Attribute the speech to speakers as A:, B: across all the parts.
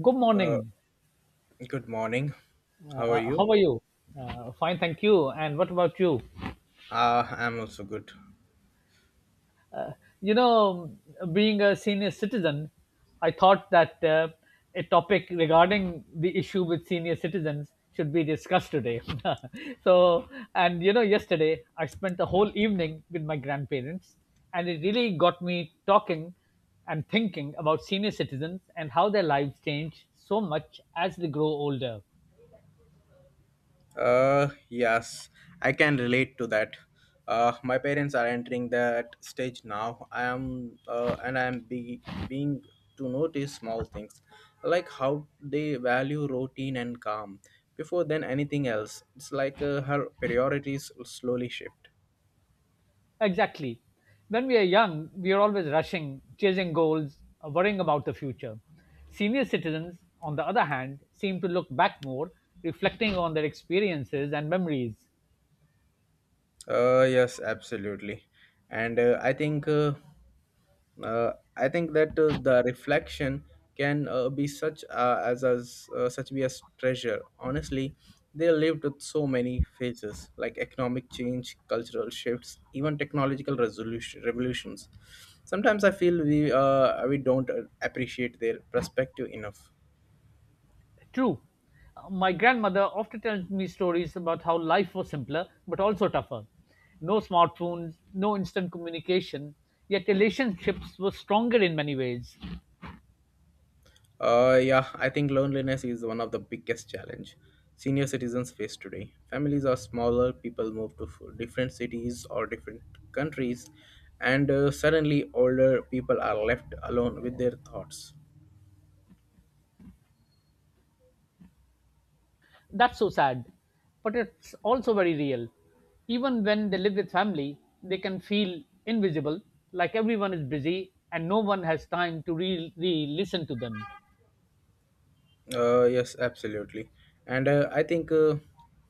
A: Good
B: Uh,
A: morning.
B: Good morning. How are
A: How
B: you?
A: are you? Fine, thank you. And what about you?
B: I'm also good.
A: You know, Being a senior citizen, I thought that a topic regarding the issue with senior citizens should be discussed today. So, yesterday I spent the whole evening with my grandparents, and it really got me talking and thinking about senior citizens and how their lives change so much as they grow older.
B: Yes, I can relate to that. My parents are entering that stage now. I am, and being to notice small things, like how they value routine and calm. Before then, anything else. It's like her priorities slowly shift.
A: Exactly. When we are young, we are always rushing, chasing goals, worrying about the future. Senior citizens, on the other hand, seem to look back more, reflecting on their experiences and memories.
B: Yes, absolutely. And I think that the reflection can be such as such be as treasure. Honestly, they lived with so many phases like economic change, cultural shifts, even technological resolution revolutions. Sometimes I feel we don't appreciate their perspective enough.
A: True. My grandmother often tells me stories about how life was simpler but also tougher. No smartphones, no instant communication, yet relationships were stronger in many ways.
B: Yeah, I think loneliness is one of the biggest challenge senior citizens face today. Families are smaller, people move to different cities or different countries, and suddenly older people are left alone with their thoughts.
A: That's so sad, but it's also very real. Even when they live with family, they can feel invisible, like everyone is busy and no one has time to really listen to them.
B: Yes, absolutely. And I think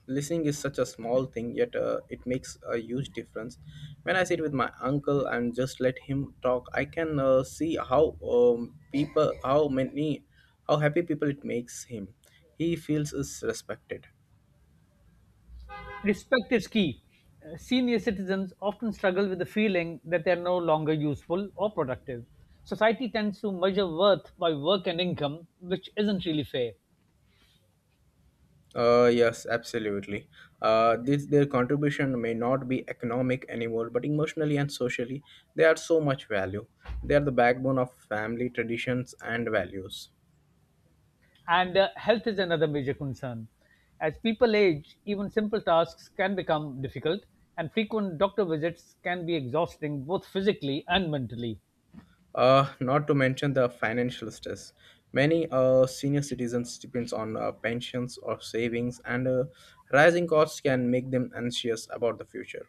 B: listening is such a small thing, yet it makes a huge difference. When I sit with my uncle and just let him talk, I can see how happy people it makes him. He feels is respected.
A: Respect is key. Senior citizens often struggle with the feeling that they are no longer useful or productive. Society tends to measure worth by work and income, which isn't really fair.
B: Yes, absolutely. Their contribution may not be economic anymore, but emotionally and socially, they are so much value. They are the backbone of family traditions and values.
A: And health is another major concern. As people age, even simple tasks can become difficult, and frequent doctor visits can be exhausting both physically and mentally.
B: Not to mention the financial stress. Many senior citizens depends on pensions or savings, and rising costs can make them anxious about the future.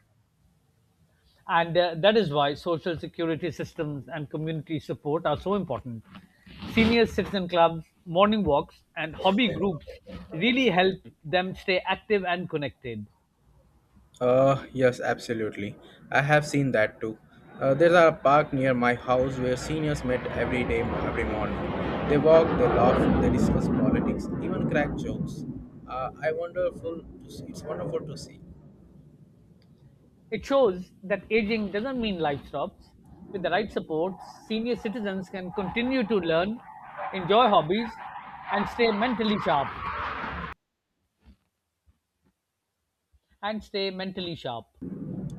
A: And that is why social security systems and community support are so important. Senior citizen clubs, morning walks, and hobby groups really help them stay active and connected.
B: Yes, absolutely. I have seen that too. There's a park near my house where seniors met every day, every morning. They walk, they laugh, they discuss politics, even crack jokes. I wonderful to see. It's wonderful to see.
A: It shows that aging doesn't mean life stops. With the right support, senior citizens can continue to learn, enjoy hobbies, and stay mentally sharp. And stay mentally sharp.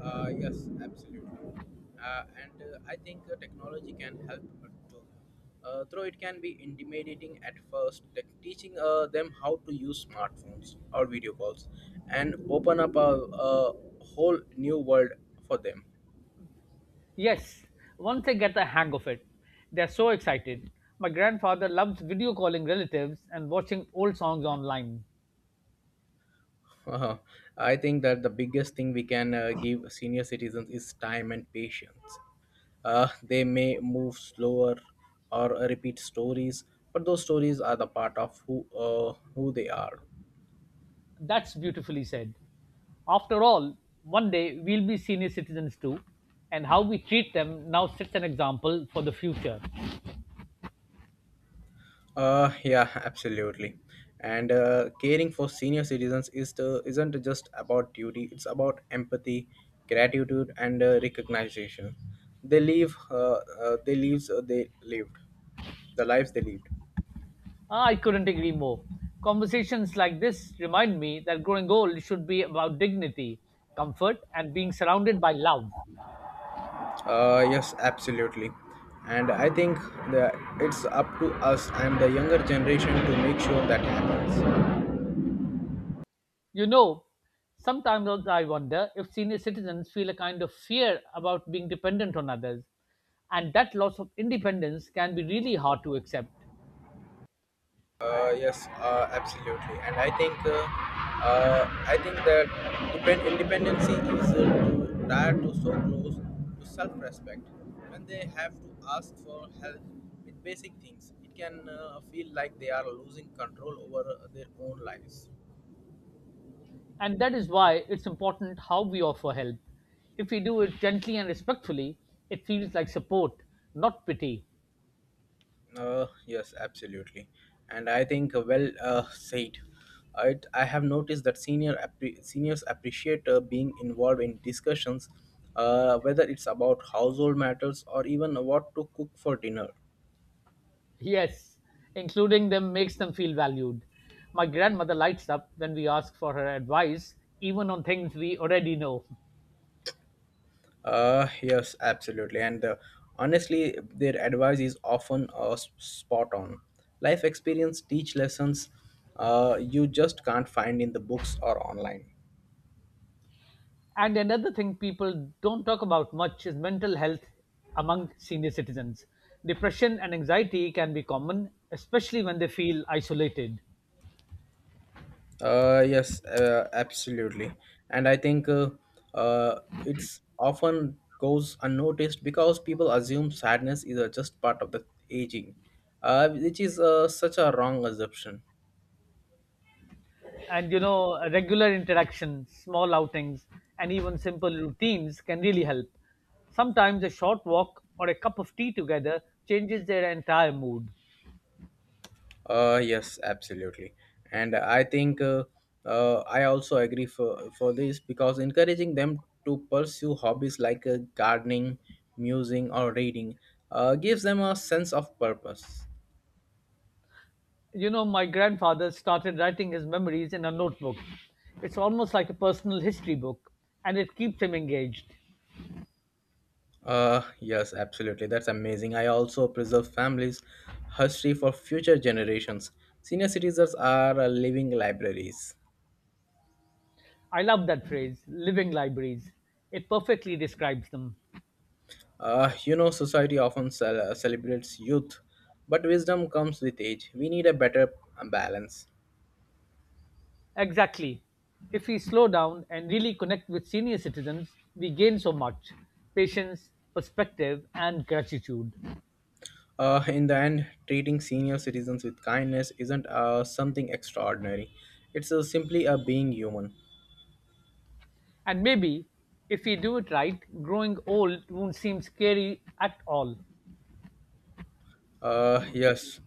B: Yes, absolutely. And I think technology can help too. Though it can be intimidating at first, tech teaching them how to use smartphones or video calls and open up a whole new world for them.
A: Yes, once they get the hang of it, they're so excited. My grandfather loves video calling relatives and watching old songs online.
B: Uh, I think that the biggest thing we can give senior citizens is time and patience. They may move slower or repeat stories, but those stories are the part of who they are.
A: That's beautifully said. After all, one day we'll be senior citizens too, and how we treat them now sets an example for the future.
B: Yeah, absolutely. And caring for senior citizens isn't just about duty, it's about empathy, gratitude, and recognition. They lived, the lives they lived.
A: I couldn't agree more. Conversations like this remind me that growing old should be about dignity, comfort, and being surrounded by love.
B: Yes, absolutely. And I think that it's up to us and the younger generation to make sure that happens.
A: You know, Sometimes also I wonder if senior citizens feel a kind of fear about being dependent on others, and that loss of independence can be really hard to accept.
B: Yes, absolutely, and uh, I think that independency is to tied to so close to self-respect. When they have to ask for help with basic things, it can feel like they are losing control over their own lives.
A: And that is why it's important how we offer help. If we do it gently and respectfully, it feels like support, not pity.
B: Yes, absolutely. And I think well said. I have noticed that seniors appreciate being involved in discussions, whether it's about household matters or even what to cook for dinner.
A: Yes, including them makes them feel valued. My grandmother lights up when we ask for her advice, even on things we already know.
B: Yes, absolutely. And honestly, their advice is often spot on. Life experience teach lessons you just can't find in the books or online.
A: And another thing people don't talk about much is mental health among senior citizens. Depression and anxiety can be common, especially when they feel isolated.
B: Yes, absolutely. And I think uh, it's often goes unnoticed because people assume sadness is just part of the aging, which is such a wrong assumption.
A: And regular interaction, small outings, and even simple routines can really help. Sometimes a short walk or a cup of tea together changes their entire mood.
B: Yes, absolutely. And I think I also agree for this because encouraging them to pursue hobbies like gardening, musing, or reading gives them a sense of purpose.
A: My grandfather started writing his memories in a notebook. It's almost like a personal history book, and it keeps him engaged.
B: Yes, absolutely. That's amazing. I also preserve families' history for future generations. Senior citizens are living libraries.
A: I love that phrase, living libraries. It perfectly describes them.
B: You know, society often celebrates youth, but wisdom comes with age. We need a better balance.
A: Exactly. If we slow down and really connect with senior citizens, we gain so much patience, perspective, and gratitude.
B: In the end, treating senior citizens with kindness isn't something extraordinary. It's simply a being human.
A: And maybe, if we do it right, growing old won't seem scary at all.
B: Yes,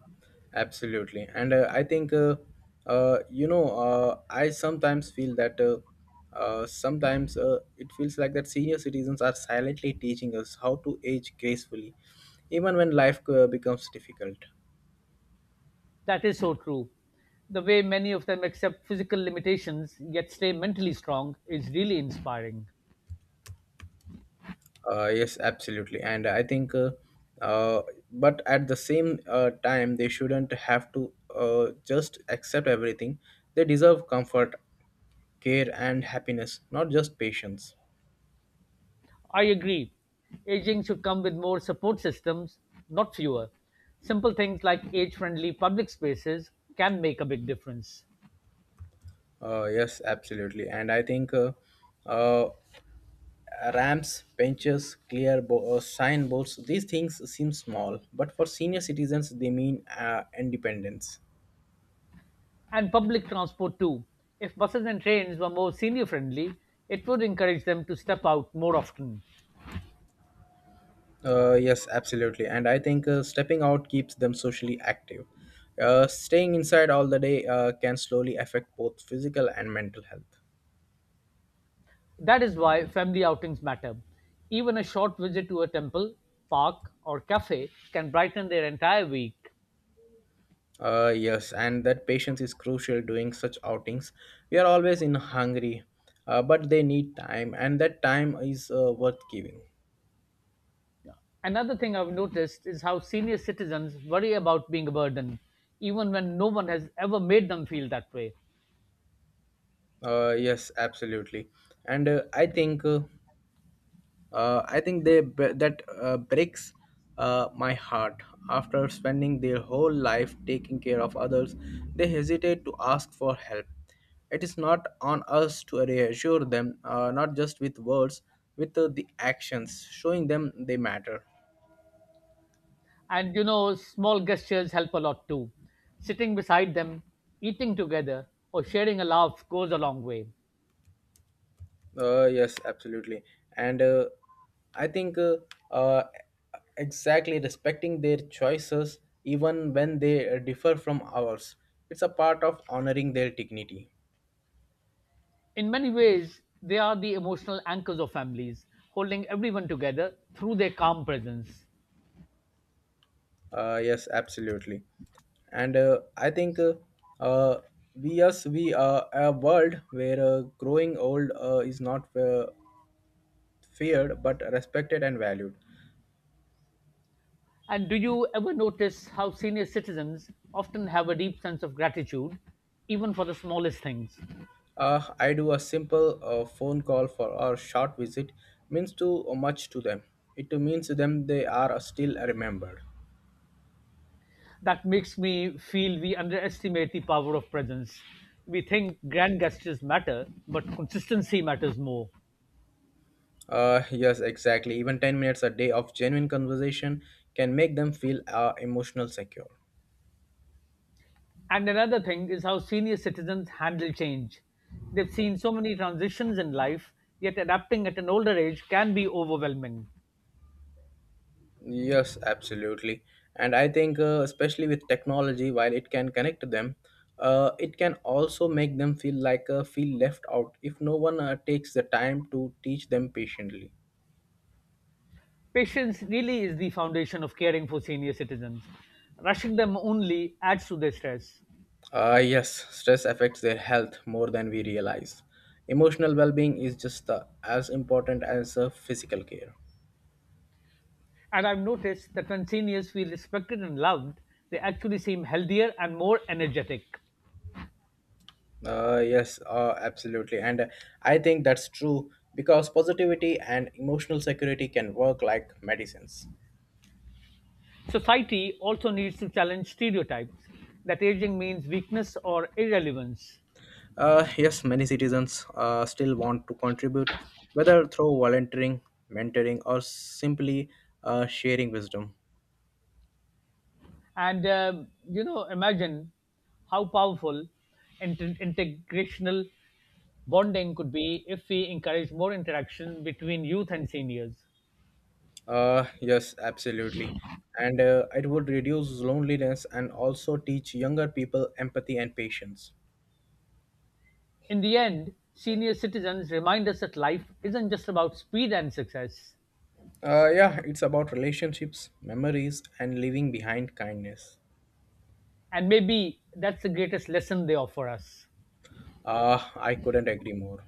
B: absolutely. And you know, I sometimes feel that sometimes it feels like that senior citizens are silently teaching us how to age gracefully, even when life becomes difficult.
A: That is so true. The way many of them accept physical limitations yet stay mentally strong is really inspiring.
B: Yes, absolutely. And I think, uh, but at the same time, they shouldn't have to just accept everything. They deserve comfort, care, and happiness, not just patience.
A: I agree. Aging should come with more support systems, not fewer. Simple things like age friendly public spaces can make a big difference.
B: Yes, absolutely. And I think uh, ramps, benches, clear signboards, these things seem small, but for senior citizens, they mean independence.
A: And public transport too. If buses and trains were more senior friendly, it would encourage them to step out more often.
B: Yes, absolutely. And I think stepping out keeps them socially active. Staying inside all the day can slowly affect both physical and mental health.
A: That is why family outings matter. Even a short visit to a temple, park, or cafe can brighten their entire week.
B: Yes, and that patience is crucial during such outings. We are always in hungry, but they need time, and that time is worth giving.
A: Yeah. Another thing I've noticed is how senior citizens worry about being a burden, even when no one has ever made them feel that way.
B: Yes, absolutely, and I think that breaks my heart. After spending their whole life taking care of others, they hesitate to ask for help. It is not on us to reassure them, not just with words, with the actions, showing them they matter.
A: And small gestures help a lot too. Sitting beside them, eating together, or sharing a laugh goes a long way.
B: Yes, absolutely. And I think uh, exactly respecting their choices, even when they differ from ours, it's a part of honoring their dignity.
A: In many ways, they are the emotional anchors of families, holding everyone together through their calm presence.
B: Yes, absolutely. And I think uh, we us we are a world where growing old is not feared but respected and valued.
A: And do you ever notice how senior citizens often have a deep sense of gratitude, even for the smallest things?
B: I do a simple phone call for or short visit means too much to them. It means to them they are still remembered.
A: That makes me feel we underestimate the power of presence. We think grand gestures matter, but consistency matters more.
B: Yes, exactly. Even 10 minutes a day of genuine conversation can make them feel emotional secure.
A: And another thing is how senior citizens handle change. They've seen so many transitions in life, yet adapting at an older age can be overwhelming.
B: Yes, absolutely. And I think, especially with technology, while it can connect them, it can also make them feel like feel left out if no one takes the time to teach them patiently.
A: Patience really is the foundation of caring for senior citizens. Rushing them only adds to their stress.
B: Yes, stress affects their health more than we realize. Emotional well being is just as important as physical care.
A: And I've noticed that when seniors feel respected and loved, they actually seem healthier and more energetic.
B: Yes, absolutely. And I think that's true because positivity and emotional security can work like medicines.
A: Society also needs to challenge stereotypes that aging means weakness or irrelevance.
B: Yes, many citizens still want to contribute, whether through volunteering, mentoring, or simply sharing wisdom.
A: And imagine how powerful integrational bonding could be if we encourage more interaction between youth and seniors.
B: Yes, absolutely. And it would reduce loneliness and also teach younger people empathy and patience.
A: In the end, senior citizens remind us that life isn't just about speed and success.
B: Yeah, it's about relationships, memories, and leaving behind kindness.
A: And maybe that's the greatest lesson they offer us.
B: I couldn't agree more.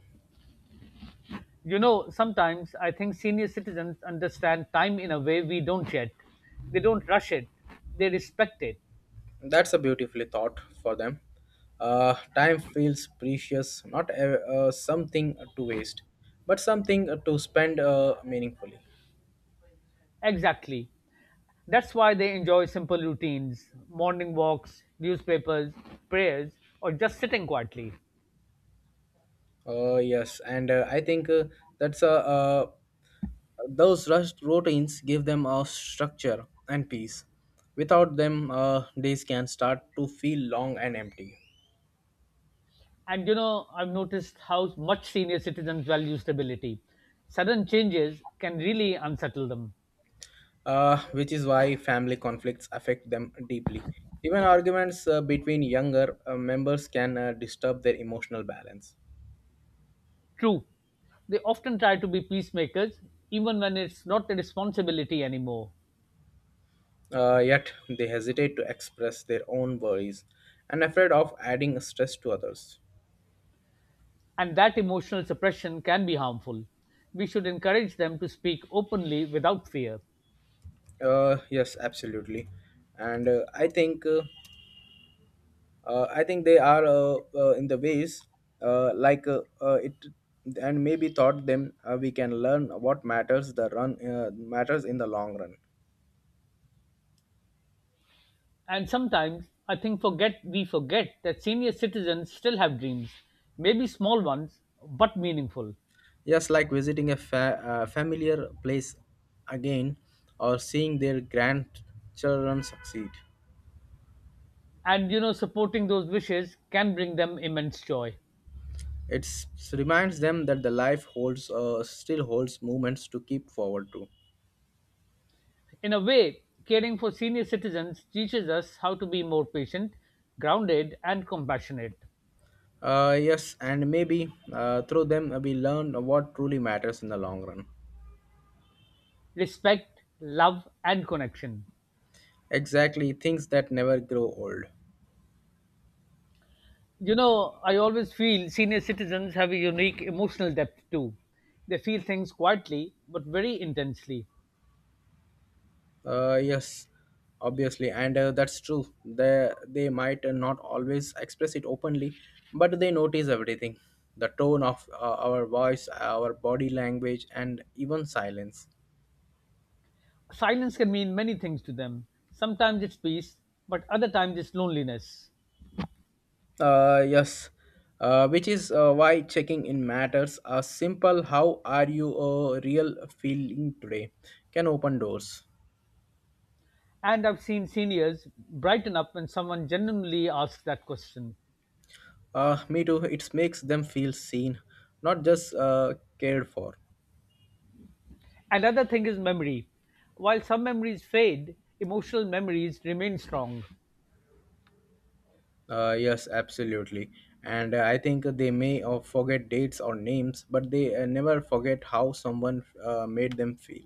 A: Sometimes I think senior citizens understand time in a way we don't yet. They don't rush it, they respect it.
B: That's a beautifully thought for them. Time feels precious, not something to waste, but something to spend meaningfully.
A: Exactly. That's why they enjoy simple routines, morning walks, newspapers, prayers, or just sitting quietly.
B: Yes, and I think that's a, those rushed routines give them a structure and peace. Without them, days can start to feel long and empty,
A: And I've noticed how much senior citizens value stability. Sudden changes can really unsettle them.
B: which is why family conflicts affect them deeply. Even arguments between younger members can disturb their emotional balance.
A: True, they often try to be peacemakers even when it's not their responsibility anymore.
B: Yet, they hesitate to express their own worries and afraid of adding stress to others.
A: And that emotional suppression can be harmful. We should encourage them to speak openly without fear.
B: Yes, absolutely. And I think. I think they are in the ways like it and maybe thought them we can learn what matters in the long run,
A: And sometimes I think forget we forget that senior citizens still have dreams, maybe small ones, but meaningful.
B: just like visiting a familiar place again or seeing their grandchildren succeed.
A: And supporting those wishes can bring them immense joy.
B: It reminds them that the life holds still holds moments to keep forward to.
A: In a way, caring for senior citizens teaches us how to be more patient, grounded, and compassionate.
B: Uh, yes, and maybe through them we learn what truly matters in the long run.
A: Respect, love, and connection.
B: Exactly, things that never grow old.
A: I always feel senior citizens have a unique emotional depth too. They feel things quietly but very intensely.
B: Yes, obviously, and that's true. They might not always express it openly, but they notice everything: the tone of our voice, our body language, and even silence.
A: Silence can mean many things to them. Sometimes it's peace, but other times it's loneliness.
B: Yes, which is why checking in matters. A simple "How are you?" A real feeling today can open doors.
A: And I've seen seniors brighten up when someone genuinely asks that question.
B: Me too. It makes them feel seen, not just cared for.
A: Another thing is memory. While some memories fade, emotional memories remain strong.
B: Yes, absolutely. And I think they may forget dates or names, but they never forget how someone made them feel.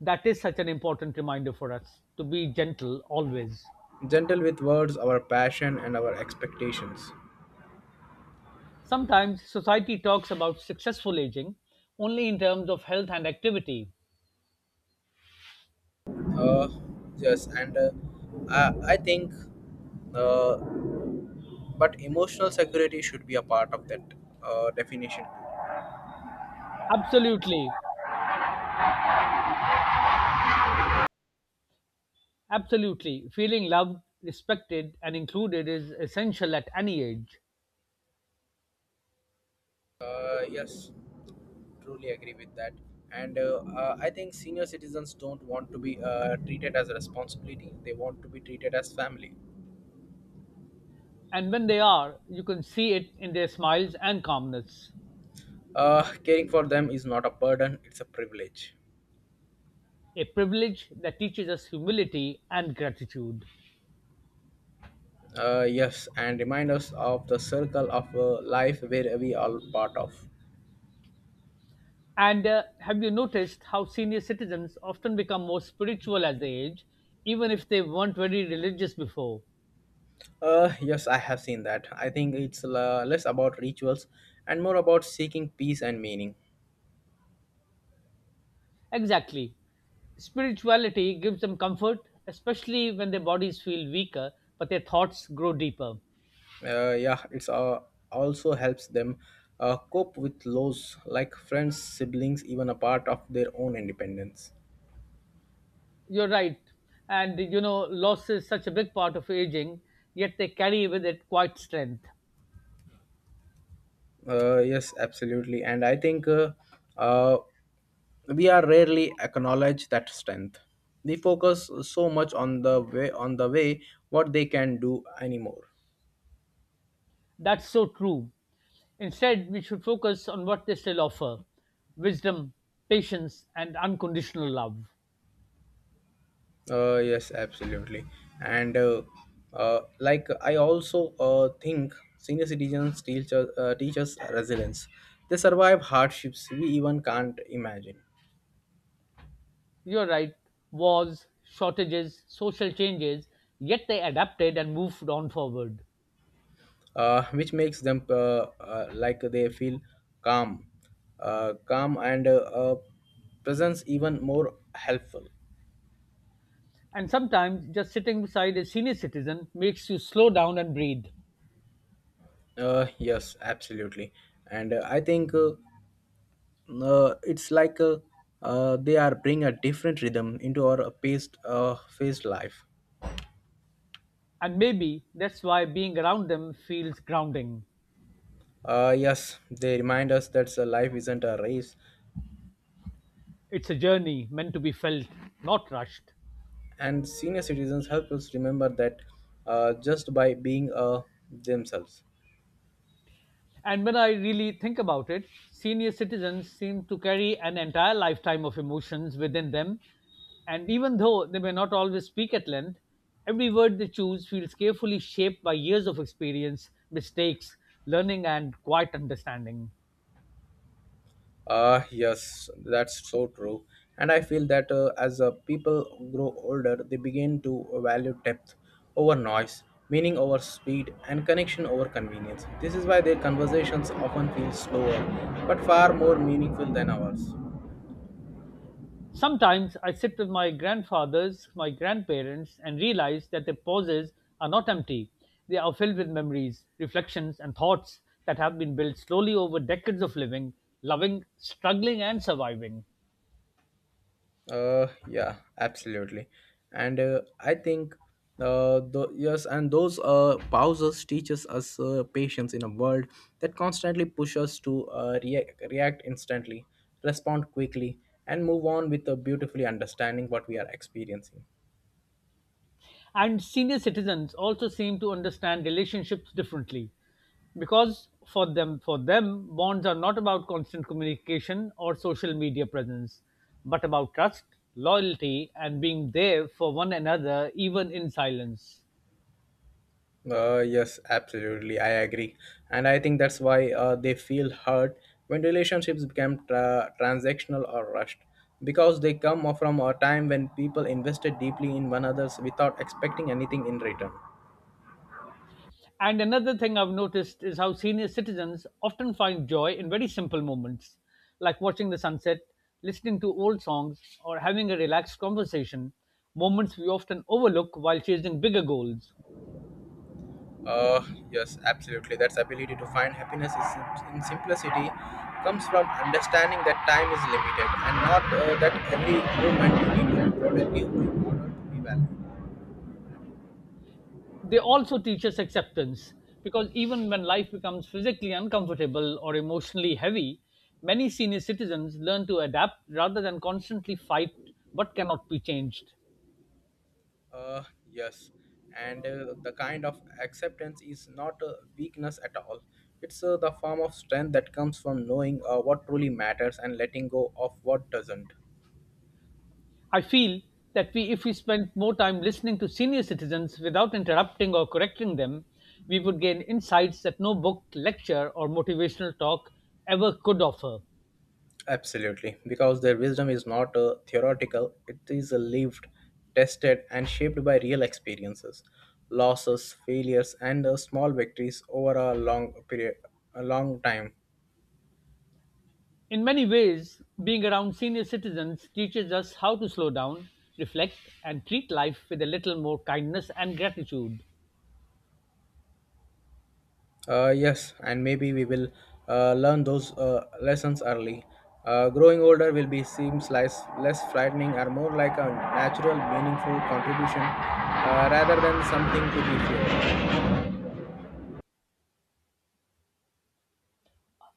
A: That is such an important reminder for us to be gentle always.
B: Gentle with words, our passion and our expectations.
A: Sometimes society talks about successful aging only in terms of health and activity.
B: Uh, yes, and I think, uh, but emotional security should be a part of that definition.
A: Absolutely, absolutely. Feeling loved, respected, and included is essential at any age.
B: Yes, truly agree with that. And I think senior citizens don't want to be treated as a responsibility. They want to be treated as family.
A: And when they are, you can see it in their smiles and calmness,
B: Caring for them is not a burden, it's a privilege.
A: a privilege that teaches us humility and gratitude.
B: Yes, and remind us of the circle of life where we are part of.
A: And have you noticed how senior citizens often become more spiritual as they age, even if they weren't very religious before?
B: Yes, I have seen that. I think it's less about rituals and more about seeking peace and meaning.
A: Exactly. Spirituality gives them comfort, especially when their bodies feel weaker, but their thoughts grow deeper.
B: Yeah, it's also helps them cope with loss like friends, siblings, even a part of their own independence.
A: You're right. And loss is such a big part of aging, yet they carry with it quite strength.
B: Yes, absolutely. And I think uh, we are rarely acknowledge that strength. They focus so much on the way what they can do anymore.
A: That's so true. Instead, we should focus on what they still offer wisdom, patience, and unconditional love.
B: Yes, absolutely. And like I also think senior citizens teach us resilience. They survive hardships we even can't imagine,
A: You're right, wars, shortages, social changes, yet they adapted and moved on forward.
B: which makes them like they feel calm, calm and presence even more helpful.
A: And sometimes just sitting beside a senior citizen makes you slow down and breathe.
B: Yes, absolutely. And I think it's like they are bring a different rhythm into our paced, phased life.
A: And maybe that's why being around them feels grounding.
B: Yes, they remind us that life isn't a race,
A: It's a journey meant to be felt, not rushed.
B: and senior citizens help us remember that just by being themselves.
A: And when I really think about it, senior citizens seem to carry an entire lifetime of emotions within them. And even though they may not always speak at length, every word they choose feels carefully shaped by years of experience, mistakes, learning, and quiet understanding.
B: Ah, yes, that's so true. And I feel that as people grow older, they begin to value depth over noise, meaning over speed, and connection over convenience. This is why their conversations often feel slower, but far more meaningful than ours.
A: Sometimes I sit with my grandfathers, my grandparents, and realize that their pauses are not empty. They are filled with memories, reflections, and thoughts that have been built slowly over decades of living, loving, struggling, and surviving.
B: Yeah, absolutely. And I think the, yes, and those pauses teaches us patience in a world that constantly pushes us to react instantly, respond quickly, and move on with a beautifully understanding what we are experiencing.
A: And senior citizens also seem to understand relationships differently because for them bonds are not about constant communication or social media presence but about trust, loyalty, and being there for one another even in silence.
B: Yes, absolutely. I agree. And I think that's why they feel hurt when relationships become transactional or rushed because they come from a time when people invested deeply in one another's without expecting anything in return.
A: And another thing I've noticed is how senior citizens often find joy in very simple moments, like watching the sunset, listening to old songs, or having a relaxed conversation, moments we often overlook while chasing bigger goals.
B: Uh, yes, absolutely. That's ability to find happiness is in simplicity comes from understanding that time is limited and not that every moment you need to be productive in order to be valued.
A: They also teach us acceptance, because even when life becomes physically uncomfortable or emotionally heavy, many senior citizens learn to adapt rather than constantly fight what cannot be changed.
B: Uh, yes, and The kind of acceptance is not a weakness at all. It's the form of strength that comes from knowing what truly matters and letting go of what doesn't.
A: I feel that if we spent more time listening to senior citizens without interrupting or correcting them, we would gain insights that no book, lecture, or motivational talk ever could offer.
B: Absolutely, because their wisdom is not theoretical, it is lived, tested, and shaped by real experiences, losses, failures, and small victories over a long time.
A: In many ways, being around senior citizens teaches us how to slow down, reflect, and treat life with a little more kindness and gratitude.
B: Yes, and maybe we will learn those lessons early. Growing older will be seems less frightening or more like a natural, meaningful contribution rather than something to be feared.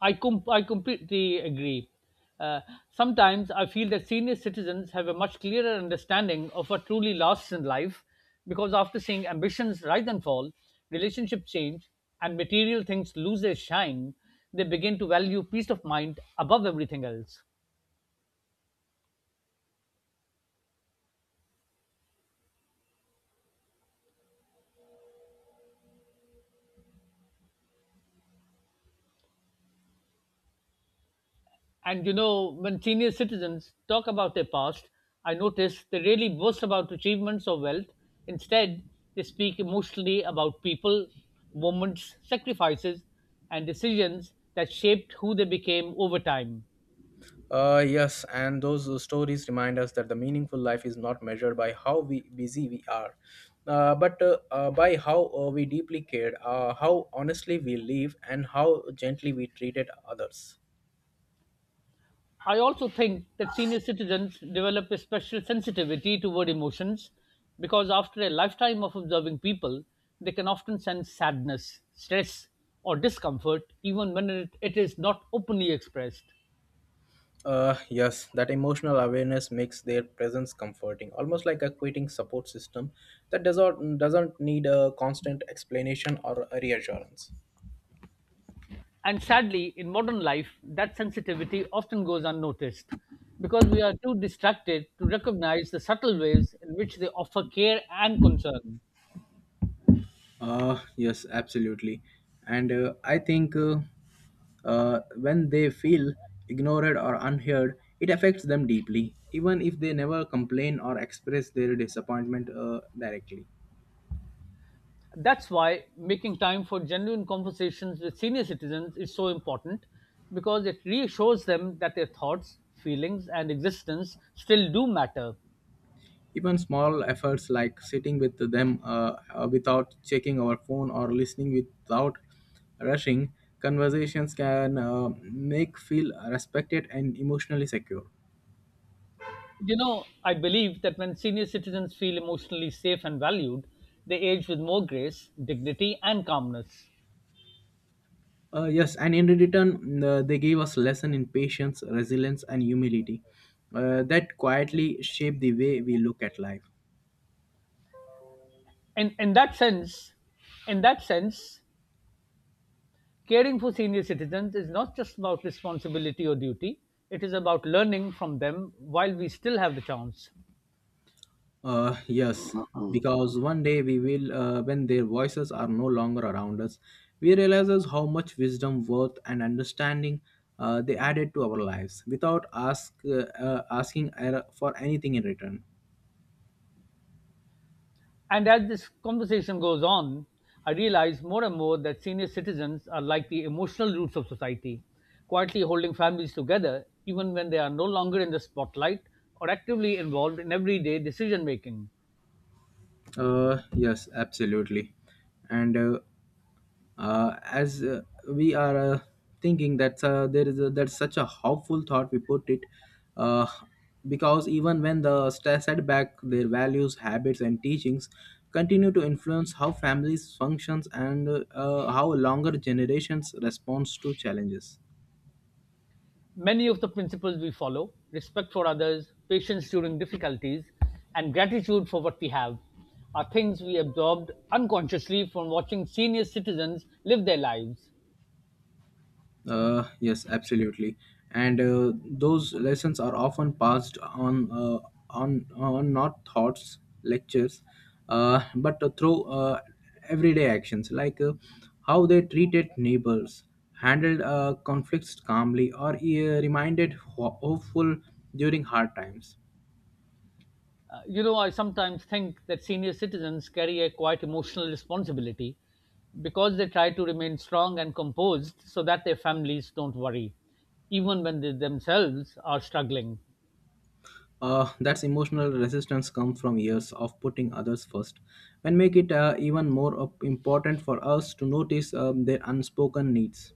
A: I completely agree. Uh, Sometimes I feel that senior citizens have a much clearer understanding of what truly lasts in life because after seeing ambitions rise and fall, relationships change, and material things lose their shine, they begin to value peace of mind above everything else. And you know, when senior citizens talk about their past, I notice they rarely boast about achievements or wealth. Instead, they speak emotionally about people, moments, sacrifices, and decisions that shaped who they became over time.
B: Yes, and those stories remind us that the meaningful life is not measured by how we busy we are, but by how we deeply cared, how honestly we live, and how gently we treated others.
A: I also think that senior citizens develop a special sensitivity toward emotions because after a lifetime of observing people, they can often sense sadness, stress, or discomfort even when it is not openly expressed.
B: Yes, that emotional awareness makes their presence comforting, almost like a quitting support system that doesn't need a constant explanation or a reassurance.
A: And sadly, in modern life, that sensitivity often goes unnoticed because we are too distracted to recognize the subtle ways in which they offer care and concern.
B: Yes, absolutely. And I think when they feel ignored or unheard, it affects them deeply, even if they never complain or express their disappointment directly.
A: That's why making time for genuine conversations with senior citizens is so important because it reassures them that their thoughts, feelings, and existence still do matter.
B: Even small efforts like sitting with them without checking our phone or listening without rushing conversations can make feel respected and emotionally secure.
A: You know, I believe that when senior citizens feel emotionally safe and valued, they age with more grace, dignity, and calmness.
B: Yes, and in return, they gave us lesson in patience, resilience, and humility that quietly shape the way we look at life.
A: In that sense, in that sense, caring for senior citizens is not just about responsibility or duty. It is about learning from them while we still have the chance.
B: Yes, because one day when their voices are no longer around us, we realizes how much wisdom, worth, and understanding they added to our lives without asking for anything in return.
A: And as this conversation goes on, I realize more and more that senior citizens are like the emotional roots of society, quietly holding families together even when they are no longer in the spotlight or actively involved in everyday decision making.
B: Yes, absolutely. And as we are thinking that's such a hopeful thought we put it uh, because even when the setback their values habits and teachings continue to influence how families functions and how longer generations responds to challenges.
A: Many of the principles we follow, respect for others, patience during difficulties, and gratitude for what we have, are things we absorbed unconsciously from watching senior citizens live their lives.
B: Yes, absolutely. And those lessons are often passed on not thoughts, lectures, but through everyday actions like how they treated neighbors, handled conflicts calmly, or reminded hopeful during hard times.
A: You know, I sometimes think that senior citizens carry a quite emotional responsibility because they try to remain strong and composed so that their families don't worry, even when they themselves are struggling.
B: That's emotional resistance comes from years of putting others first and make it even more important for us to notice their unspoken needs.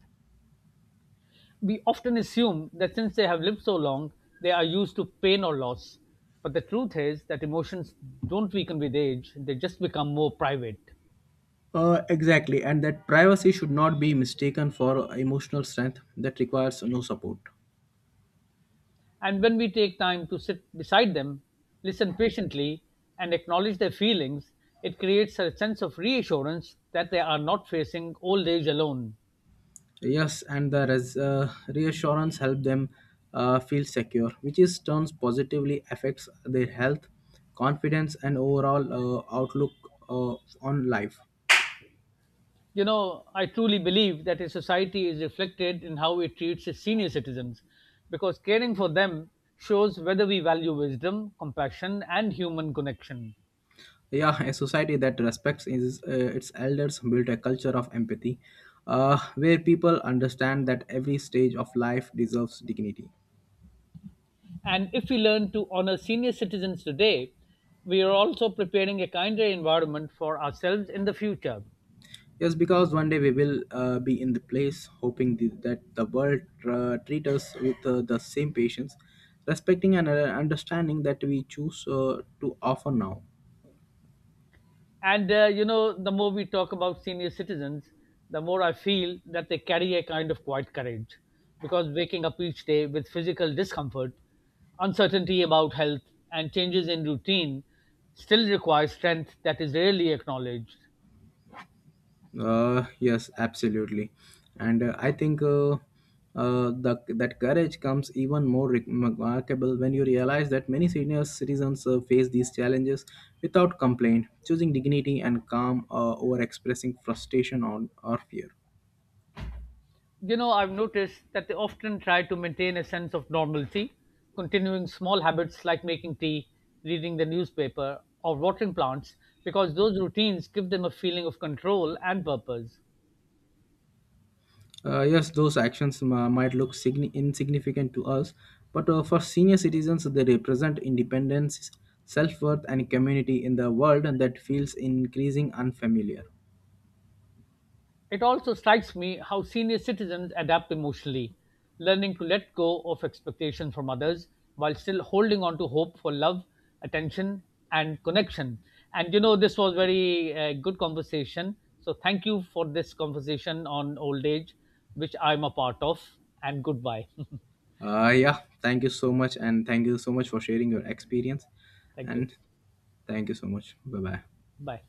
A: We often assume that since they have lived so long, they are used to pain or loss. But the truth is that emotions don't weaken with age, they just become more private.
B: Exactly, and that privacy should not be mistaken for emotional strength that requires no support.
A: And when we take time to sit beside them, listen patiently, and acknowledge their feelings, it creates a sense of reassurance that they are not facing old age alone.
B: Yes, and the reassurance help them feel secure, which is turns positively affects their health, confidence, and overall outlook uh, on life.
A: You know, I truly believe that a society is reflected in how it treats its senior citizens because caring for them shows whether we value wisdom, compassion, and human connection.
B: Yeah, a society that respects is, its elders built a culture of empathy, where people understand that every stage of life deserves dignity.
A: And if we learn to honor senior citizens today, we are also preparing a kinder environment for ourselves in the future.
B: Yes, because one day we will be in the place hoping that the world treat us with the same patience, respecting and understanding that we choose to offer now.
A: And you know, the more we talk about senior citizens, the more I feel that they carry a kind of quiet courage because waking up each day with physical discomfort, uncertainty about health, and changes in routine still requires strength that is rarely acknowledged.
B: Yes, absolutely, and that courage comes even more remarkable when you realize that many senior citizens face these challenges without complaint, choosing dignity and calm over expressing frustration on, or fear.
A: You know, I've noticed that they often try to maintain a sense of normalcy, continuing small habits like making tea, reading the newspaper, or watering plants because those routines give them a feeling of control and purpose.
B: Yes, those actions might look insignificant to us, but for senior citizens, they represent independence, self worth, and community in the world that feels increasing unfamiliar.
A: It also strikes me how senior citizens adapt emotionally, learning to let go of expectations from others while still holding on to hope for love, attention, and connection. And you know, this was very good conversation. So thank you for this conversation on old age, which I'm a part of. And goodbye.
B: Yeah, thank you so much, and thank you so much for sharing your experience.
A: Thank you.
B: And thank you so much. Bye bye.
A: Bye.